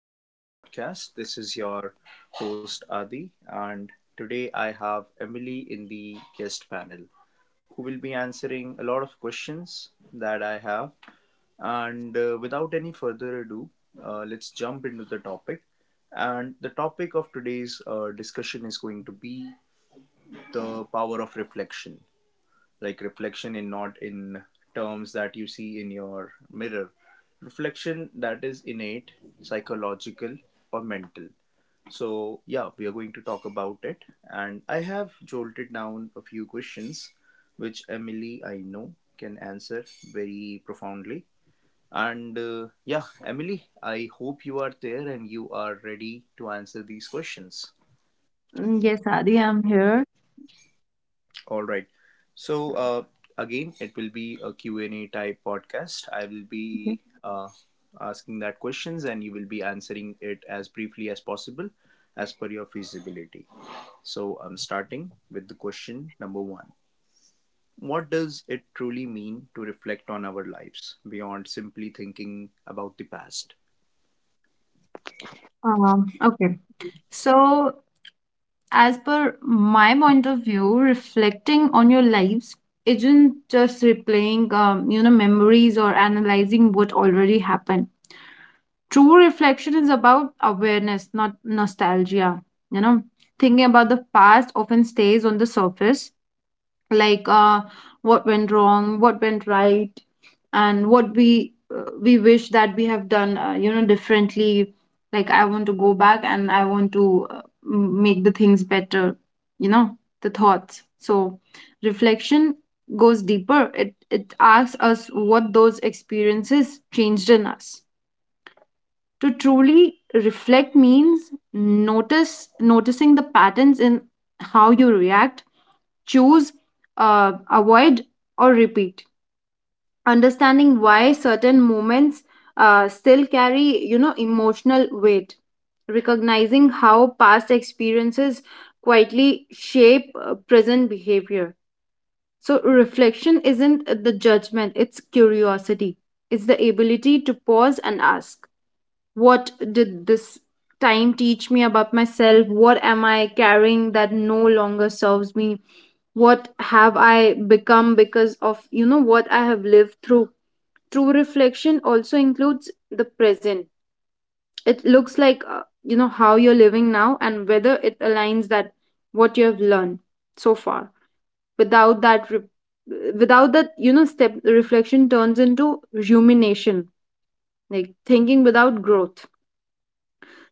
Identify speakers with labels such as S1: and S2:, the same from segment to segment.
S1: into our podcast. This is your host Adi, and today I have Emily in the guest panel who will be answering a lot of questions that I have. And without any further ado, let's jump into the topic. And the topic of today's discussion is going to be the power of reflection, like reflection, in not in terms that you see in your mirror, reflection that is innate, psychological, or mental. So yeah, we are going to talk about it, and I have jolted down a few questions which Emily I know can answer very profoundly. And Yeah, Emily, I hope you are there and you are ready to answer these questions.
S2: Mm, yes, Adi, I'm here.
S1: All right. So again, it will be a Q and A type podcast. I will
S2: Okay.
S1: be asking that questions and you will be answering it as briefly as possible as per your feasibility. So I'm starting with the question number one. What does it truly mean to reflect on our lives beyond simply thinking about the past?
S2: Um, okay. So, as per my point of view, reflecting on your lives isn't just replaying, you know, memories or analyzing what already happened. True reflection is about awareness, not nostalgia. You know, thinking about the past often stays on the surface, like what went wrong, what went right, and what we wish that we have done, you know, differently. Like, I want to go back and I want to make the things better, you know, the thoughts. So reflection goes deeper. It asks us what those experiences changed in us. To truly reflect means notice noticing the patterns in how you react, choose, avoid, or repeat. Understanding why certain moments still carry, you know, emotional weight. Recognizing how past experiences quietly shape present behavior. So, reflection isn't the judgment, it's curiosity, it's the ability to pause and ask, what did this time teach me about myself? What am I carrying that no longer serves me? What have I become because of, you know, what I have lived through? True reflection also includes the present. It looks like, you know, how you're living now and whether it aligns that what you have learned so far. Without that re- without that, you know, step, reflection turns into rumination, like thinking without growth.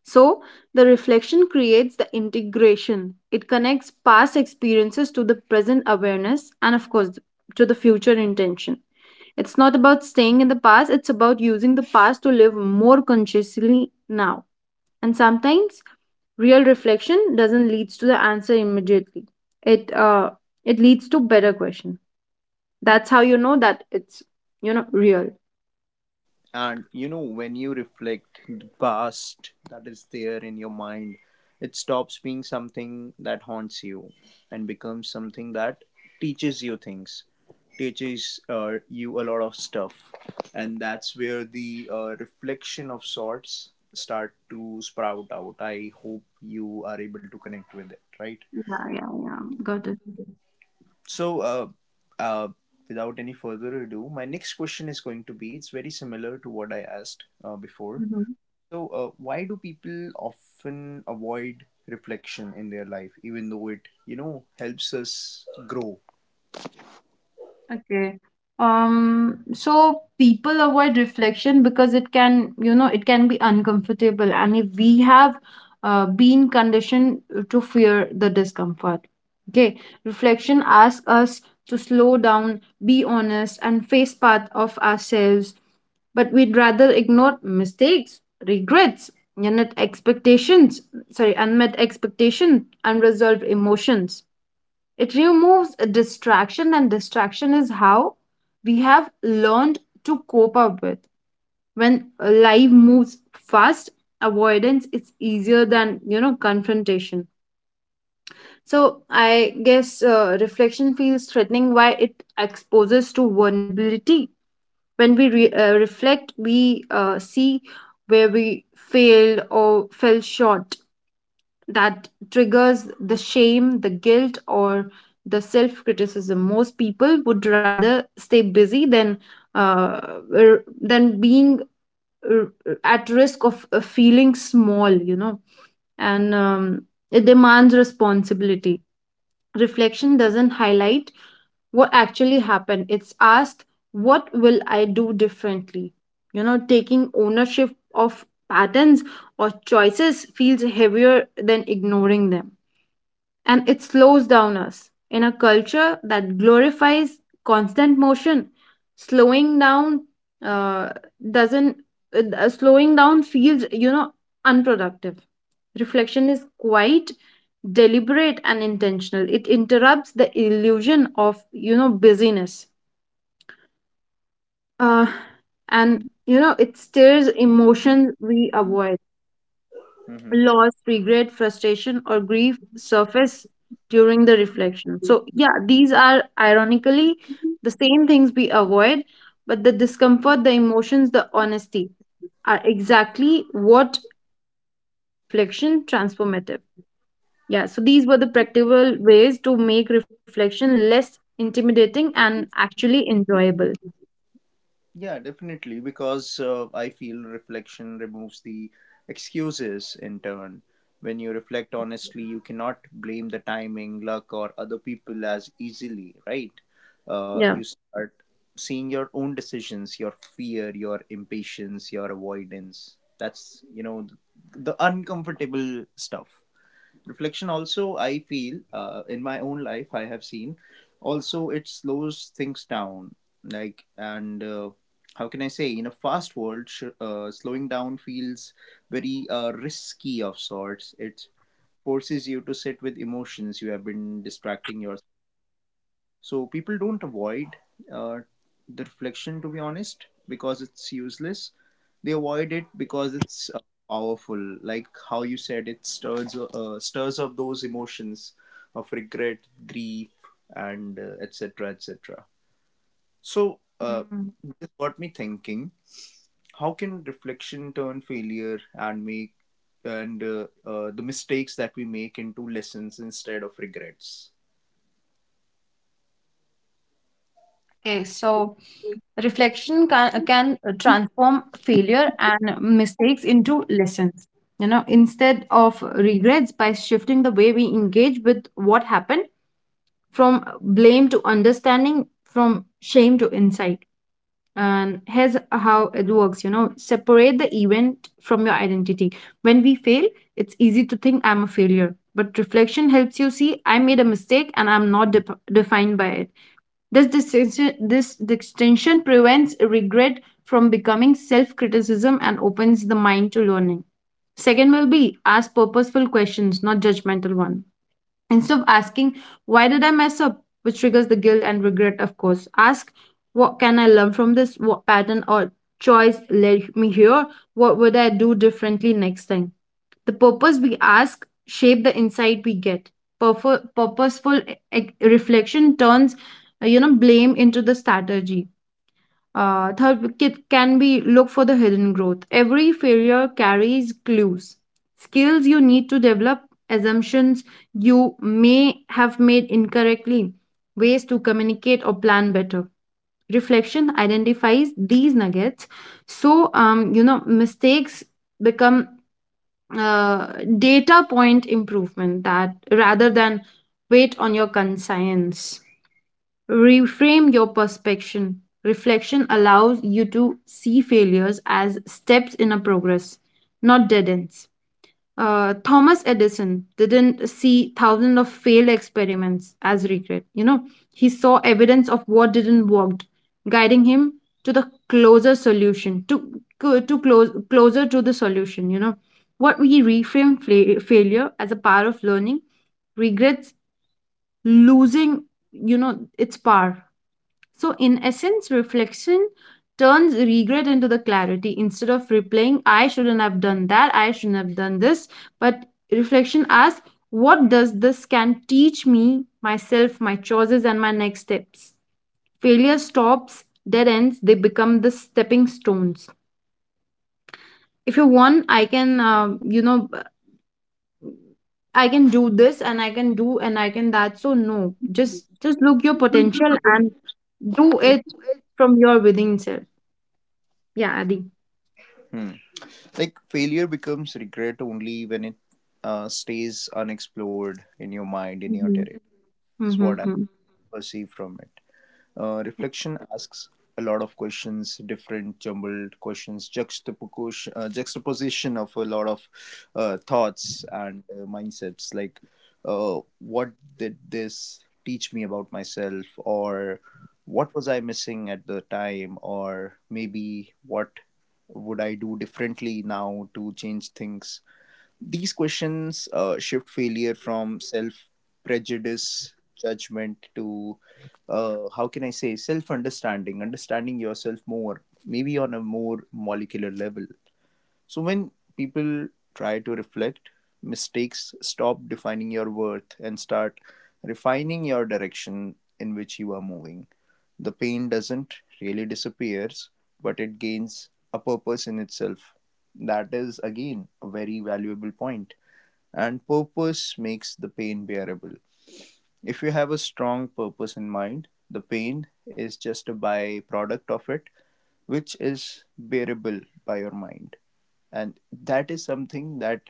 S2: So, the reflection creates the integration. It connects past experiences to the present awareness and, of course, to the future intention. It's not about staying in the past, it's about using the past to live more consciously now. And sometimes real reflection doesn't lead to the answer immediately. It uh it leads to better question. That's how you know that it's real.
S1: And you know, when you reflect the past that is there in your mind, it stops being something that haunts you and becomes something that teaches you things, teaches you a lot of stuff. And that's where the reflection of sorts start to sprout out. I hope you are able to connect with it, right?
S2: Yeah, yeah, yeah. Got it.
S1: So uh, without any further ado, my next question is going to be, it's very similar to what I asked before.
S2: Hmm.
S1: So, why do people often avoid reflection in their life, even though it, you know, helps us grow?
S2: Okay. So people avoid reflection because it can, you know, it can be uncomfortable. And if we have been conditioned to fear the discomfort, okay, reflection asks us to slow down, be honest, and face part of ourselves. But we'd rather ignore mistakes, regrets, unmet expectations, sorry, unmet expectation, unresolved emotions. It removes a distraction, and distraction is how we have learned to cope up with. When life moves fast, avoidance is easier than, you know, confrontation. So I guess reflection feels threatening. Why it exposes to vulnerability. When we reflect, we see where we failed or fell short. That triggers the shame, the guilt, or the self criticism. Most people would rather stay busy than uh, than being r- at risk of feeling small, you know. And it demands responsibility. Reflection doesn't highlight what actually happened. It's asked, what will I do differently? You know, taking ownership of patterns or choices feels heavier than ignoring them, and it slows down us. In a culture that glorifies constant motion, slowing down uh, doesn't, slowing down feels, you know, unproductive. Reflection is quite deliberate and intentional. It interrupts the illusion of, you know, busyness. Uh, and you know, it stirs emotions we avoid.
S1: Hmm.
S2: Loss, regret, frustration, or grief surface during the reflection. So, yeah, these are ironically the same things we avoid, but the discomfort, the emotions, the honesty are exactly what makes the reflection transformative. Yeah, so these were the practical ways to make reflection less intimidating and actually enjoyable.
S1: Yeah, definitely, because I feel reflection removes the excuses in turn. When you reflect honestly, you cannot blame the timing, luck, or other people as easily, right? You
S2: Yeah.
S1: start seeing your own decisions, your fear, your impatience, your avoidance. That's, you know, the uncomfortable stuff. Reflection also, I feel, in my own life I have seen, also it slows things down, like. And How can I say, in a fast world, slowing down feels very risky of sorts. It forces you to sit with emotions you have been distracting yourself. So people don't avoid uh, the reflection, to be honest, because it's useless. They avoid it because it's powerful. Like how you said, it stirs stirs up those emotions of regret, grief, and etc. etc. So
S2: Mm.
S1: this got me thinking: how can reflection turn failure and make and the mistakes that we make into lessons instead of regrets?
S2: Okay, so reflection can transform failure and mistakes into lessons. You know, instead of regrets, by shifting the way we engage with what happened from blame to understanding, from shame to insight. And here's how it works: you know, separate the event from your identity. When we fail, it's easy to think, I'm a failure, but reflection helps you see I made a mistake and I'm not dep defined by it. This distinction prevents regret from becoming self criticism and opens the mind to learning. Second will be ask purposeful questions, not judgmental one. Instead of asking, why did I mess up? Which triggers the guilt and regret, of course. Ask, what can I learn from this? What pattern or choice led me here? What would I do differently next time? The purpose we ask shape the insight we get. Purposeful reflection turns, you know, blame into the strategy. Third, it can be look for the hidden growth. Every failure carries clues, skills you need to develop, assumptions you may have made incorrectly, ways to communicate or plan better. Reflection identifies these nuggets, so you know, mistakes become, uh, data point improvement, that rather than wait on your conscience, reframe your perspective. Reflection allows you to see failures as steps in a progress, not dead ends. Thomas Edison didn't see thousands of failed experiments as regret. You know, he saw evidence of what didn't work, guiding him to the closer solution, to closer to the solution. You know, what we reframe failure as a power of learning, regrets losing. You know, its power. So, in essence, reflection turns regret into the clarity instead of replaying, I shouldn't have done that, I shouldn't have done this. But reflection asks, what does this can teach me, myself, my choices, and my next steps? Failure stops dead ends, they become the stepping stones. If you want, you know, I can do this and I can do and I can that. So no, just look your potential and do it from your within self. Yeah, Adi.
S1: Hmm. Like failure becomes regret only when it stays unexplored in your mind, in your
S2: Mm-hmm.
S1: territory, is what I
S2: Mm-hmm.
S1: perceive from it. Reflection asks a lot of questions, different jumbled questions, juxtaposition, juxtaposition of a lot of thoughts and mindsets. Like, what did this teach me about myself, or what was I missing at the time, or maybe what would I do differently now to change things? These questions shift failure from self prejudice judgment to, how can I say, self understanding, understanding yourself more, maybe on a more molecular level. So when people try to reflect, mistakes stop defining your worth and start refining your direction in which you are moving. The pain doesn't really disappears, but it gains a purpose in itself. That is again a very valuable point. And purpose makes the pain bearable. If you have a strong purpose in mind, the pain is just a byproduct of it, which is bearable by your mind. And that is something that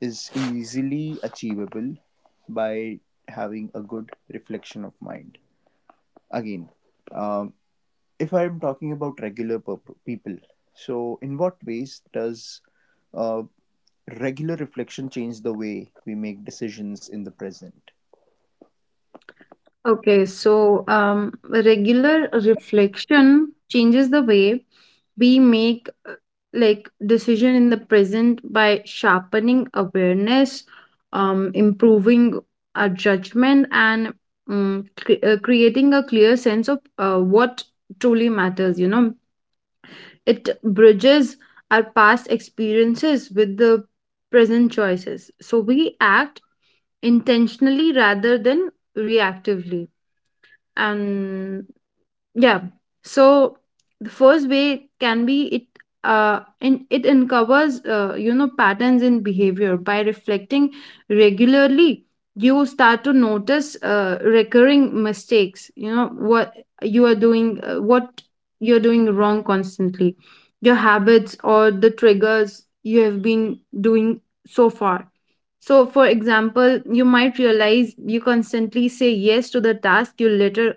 S1: is easily achievable by having a good reflection of mind. Again, um, if I'm talking about people, so in what ways does uh, regular reflection change the way we make decisions in the present?
S2: Okay, so regular reflection changes the way we make like decision in the present by sharpening awareness, improving our judgment, and creating a clear sense of what truly matters. You know, it bridges our past experiences with the present choices. So we act intentionally rather than reactively, and yeah. So the first way can be it uncovers, you know, patterns in behavior. By reflecting regularly, you start to notice recurring mistakes, you know, what you are doing, what you're doing wrong constantly, your habits or the triggers you have been doing so far. So for example, you might realize you constantly say yes to the task you later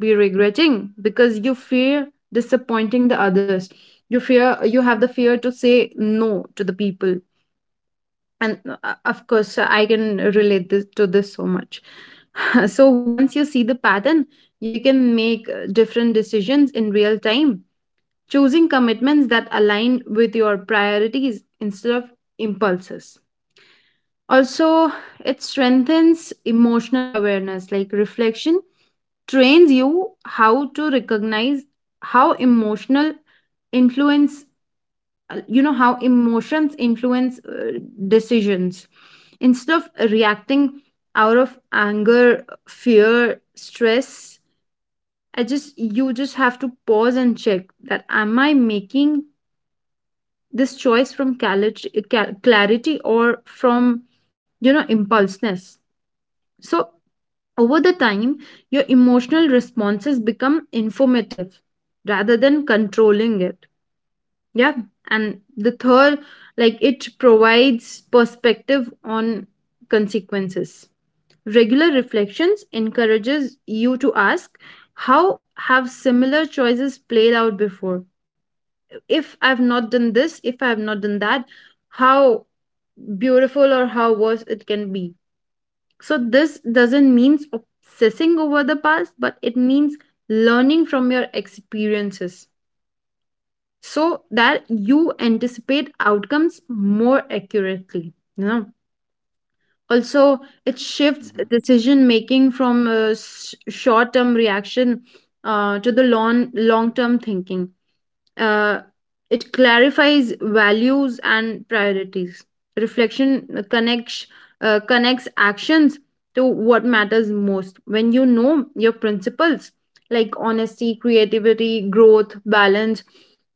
S2: be regretting because you fear disappointing the others. You fear, you have the fear to say no to the people. And of course, I can relate this to this so much. So once you see the pattern, you can make different decisions in real time, choosing commitments that align with your priorities instead of impulses. Also, it strengthens emotional awareness, like reflection trains you how to recognize how emotional influence you know how emotions influence, decisions. Instead of reacting out of anger, fear, stress, I just you just have to pause and check that, am I making this choice from clarity or from, you know, impulseness? So over the time, your emotional responses become informative rather than controlling it. Yeah. And the third, like it provides perspective on consequences. Regular reflections encourages you to ask, how have similar choices played out before? If I've not done this, if I've not done that, how beautiful or how worse it can be. So this doesn't mean obsessing over the past, but it means learning from your experiences so that you anticipate outcomes more accurately. You know, also it shifts decision making from short term reaction to the long term thinking. uh, it clarifies values and priorities. Reflection connects actions to what matters most. When you know your principles, like honesty, creativity, growth, balance,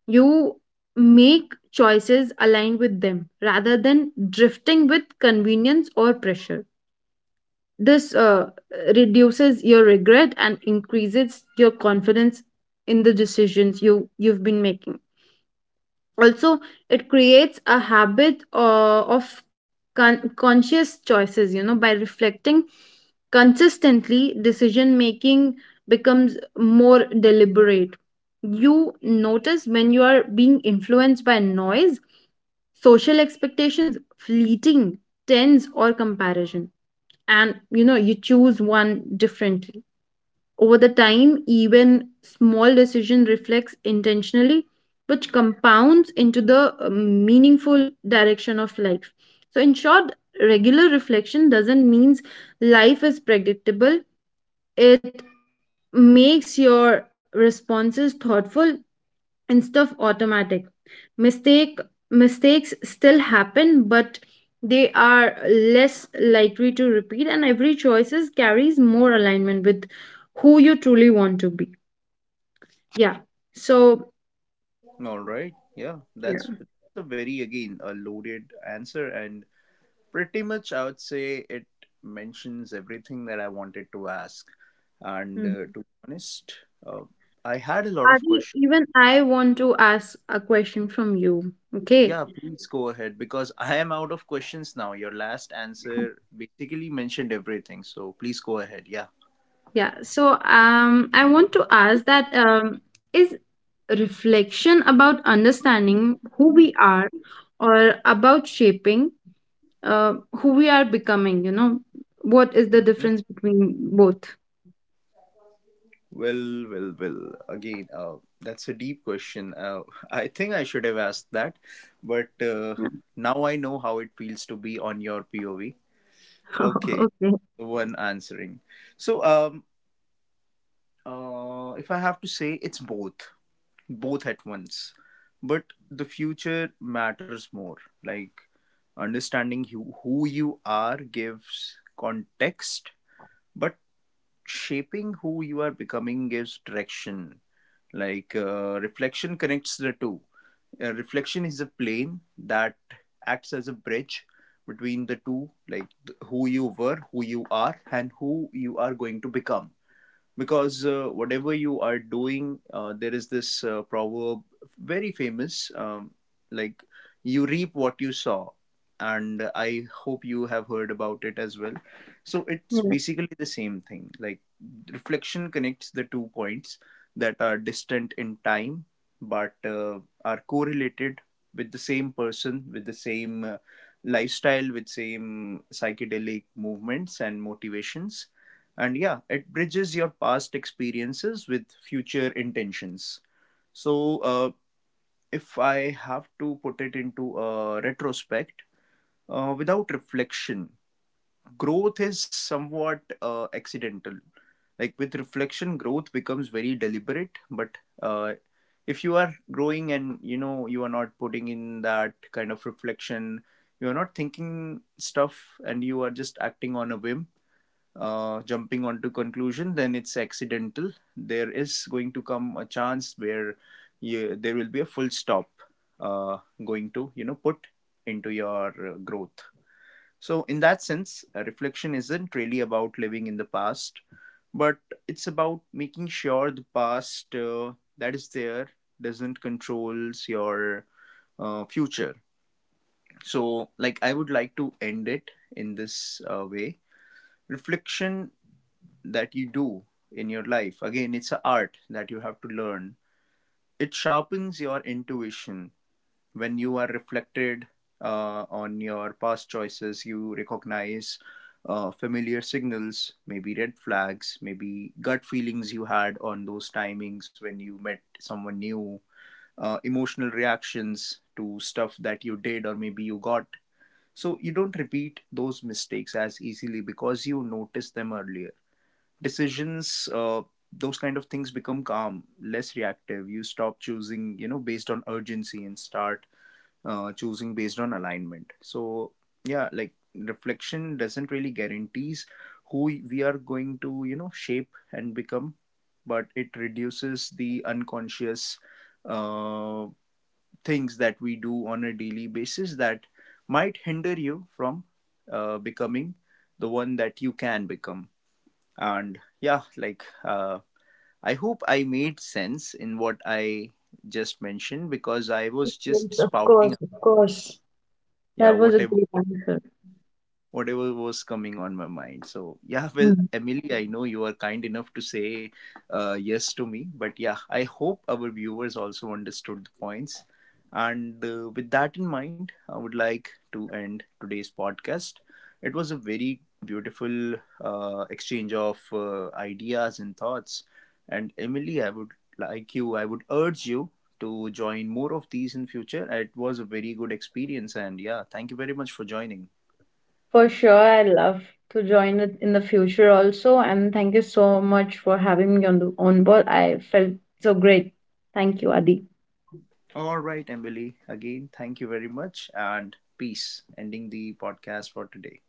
S2: you make choices aligned with them rather than drifting with convenience or pressure. This reduces your regret and increases your confidence in the decisions you've been making. Also, it creates a habit of conscious choices. You know, by reflecting consistently, decision making becomes more deliberate. You notice when you are being influenced by noise, social expectations, fleeting trends, or comparison, and you know, you choose one differently. Over the time, even small decision reflects intentionally, which compounds into the meaningful direction of life. So, in short, regular reflection doesn't means life is predictable. It makes your responses thoughtful instead of automatic. Mistake Mistakes still happen, but they are less likely to repeat, and every choices carries more alignment with who you truly want to be. Yeah. So,
S1: All right. Yeah, that's
S2: yeah.
S1: a very, again, a loaded answer. And pretty much, I would say it mentions everything that I wanted to ask. And to
S2: Mhm.
S1: be honest, uh, I had a lot of
S2: Adi,
S1: questions.
S2: even I want to ask a question from you. Okay.
S1: Yeah, please go ahead because I am out of questions now. Your last answer basically mentioned everything. So please go ahead. Yeah.
S2: Yeah. So, I want to ask that is reflection about understanding who we are or about shaping, uh, who we are becoming, you know? What is the
S1: Mm-hmm.
S2: difference between both?
S1: Well, well, well. Again, that's a deep question. I think I should have asked that, but
S2: Yeah.
S1: now I know how it feels to be on your POV. Okay,
S2: Okay.
S1: the one answering. So, if I have to say, it's both, both at once. But the future matters more. Like understanding you, who you are, gives context, but shaping who you are becoming gives direction. Like reflection connects the two. Reflection is a plane that acts as a bridge between the two, like who you were, who you are, and who you are going to become. Because whatever you are doing, there is this proverb, very famous, like you reap what you sow, and I hope you have heard about it as well. So it's
S2: Yeah.
S1: basically the same thing. Like reflection connects the two points that are distant in time, but are correlated with the same person, with the same lifestyle, with same psychedelic movements and motivations. And yeah, it bridges your past experiences with future intentions. So uh, if I have to put it into a retrospect, without reflection, growth is somewhat accidental. Like with reflection, growth becomes very deliberate. But if you are growing and you know you are not putting in that kind of reflection, you are not thinking stuff, and you are just acting on a whim, jumping onto conclusion, then it's accidental. There is going to come a chance where you, there will be a full stop uh, going to, you know, put into your growth. So in that sense, reflection isn't really about living in the past, but it's about making sure the past that is there doesn't controls your future. So like I would like to end it in this way. Reflection that you do in your life, again, it's an art that you have to learn. It sharpens your intuition. When you are reflected on your past choices, you recognize familiar signals, maybe red flags, maybe gut feelings you had on those timings when you met someone new, emotional reactions to stuff that you did or maybe you got. So you don't repeat those mistakes as easily because you notice them earlier. Decisions, those kind of things, become calm, less reactive. You stop choosing, you know, based on urgency and start choosing based on alignment. So yeah, like reflection doesn't really guarantees who we are going to, you know, shape and become, but it reduces the unconscious uh, things that we do on a daily basis that might hinder you from becoming the one that you can become. And yeah, like I hope I made sense in what I just mentioned, because I
S2: Yes,
S1: was just
S2: yes, of
S1: spouting
S2: course,
S1: out,
S2: of course.
S1: yeah,
S2: That was a great answer.
S1: whatever was coming on my mind. So, yeah. Well, Emily, I know you are kind enough to say yes to me, but yeah, I hope our viewers also understood the points. And with that in mind, I would like to end today's podcast. It was a very beautiful exchange of ideas and thoughts. And Emily, I would like you, I would urge you to join more of these in future. It was a very good experience, and yeah, thank you very much for joining.
S2: For sure, I'd love to join it in the future also. And thank you so much for having me on the on board. I felt so great. Thank you, Adi.
S1: All right, Emily. Again, thank you very much and peace. Ending the podcast for today.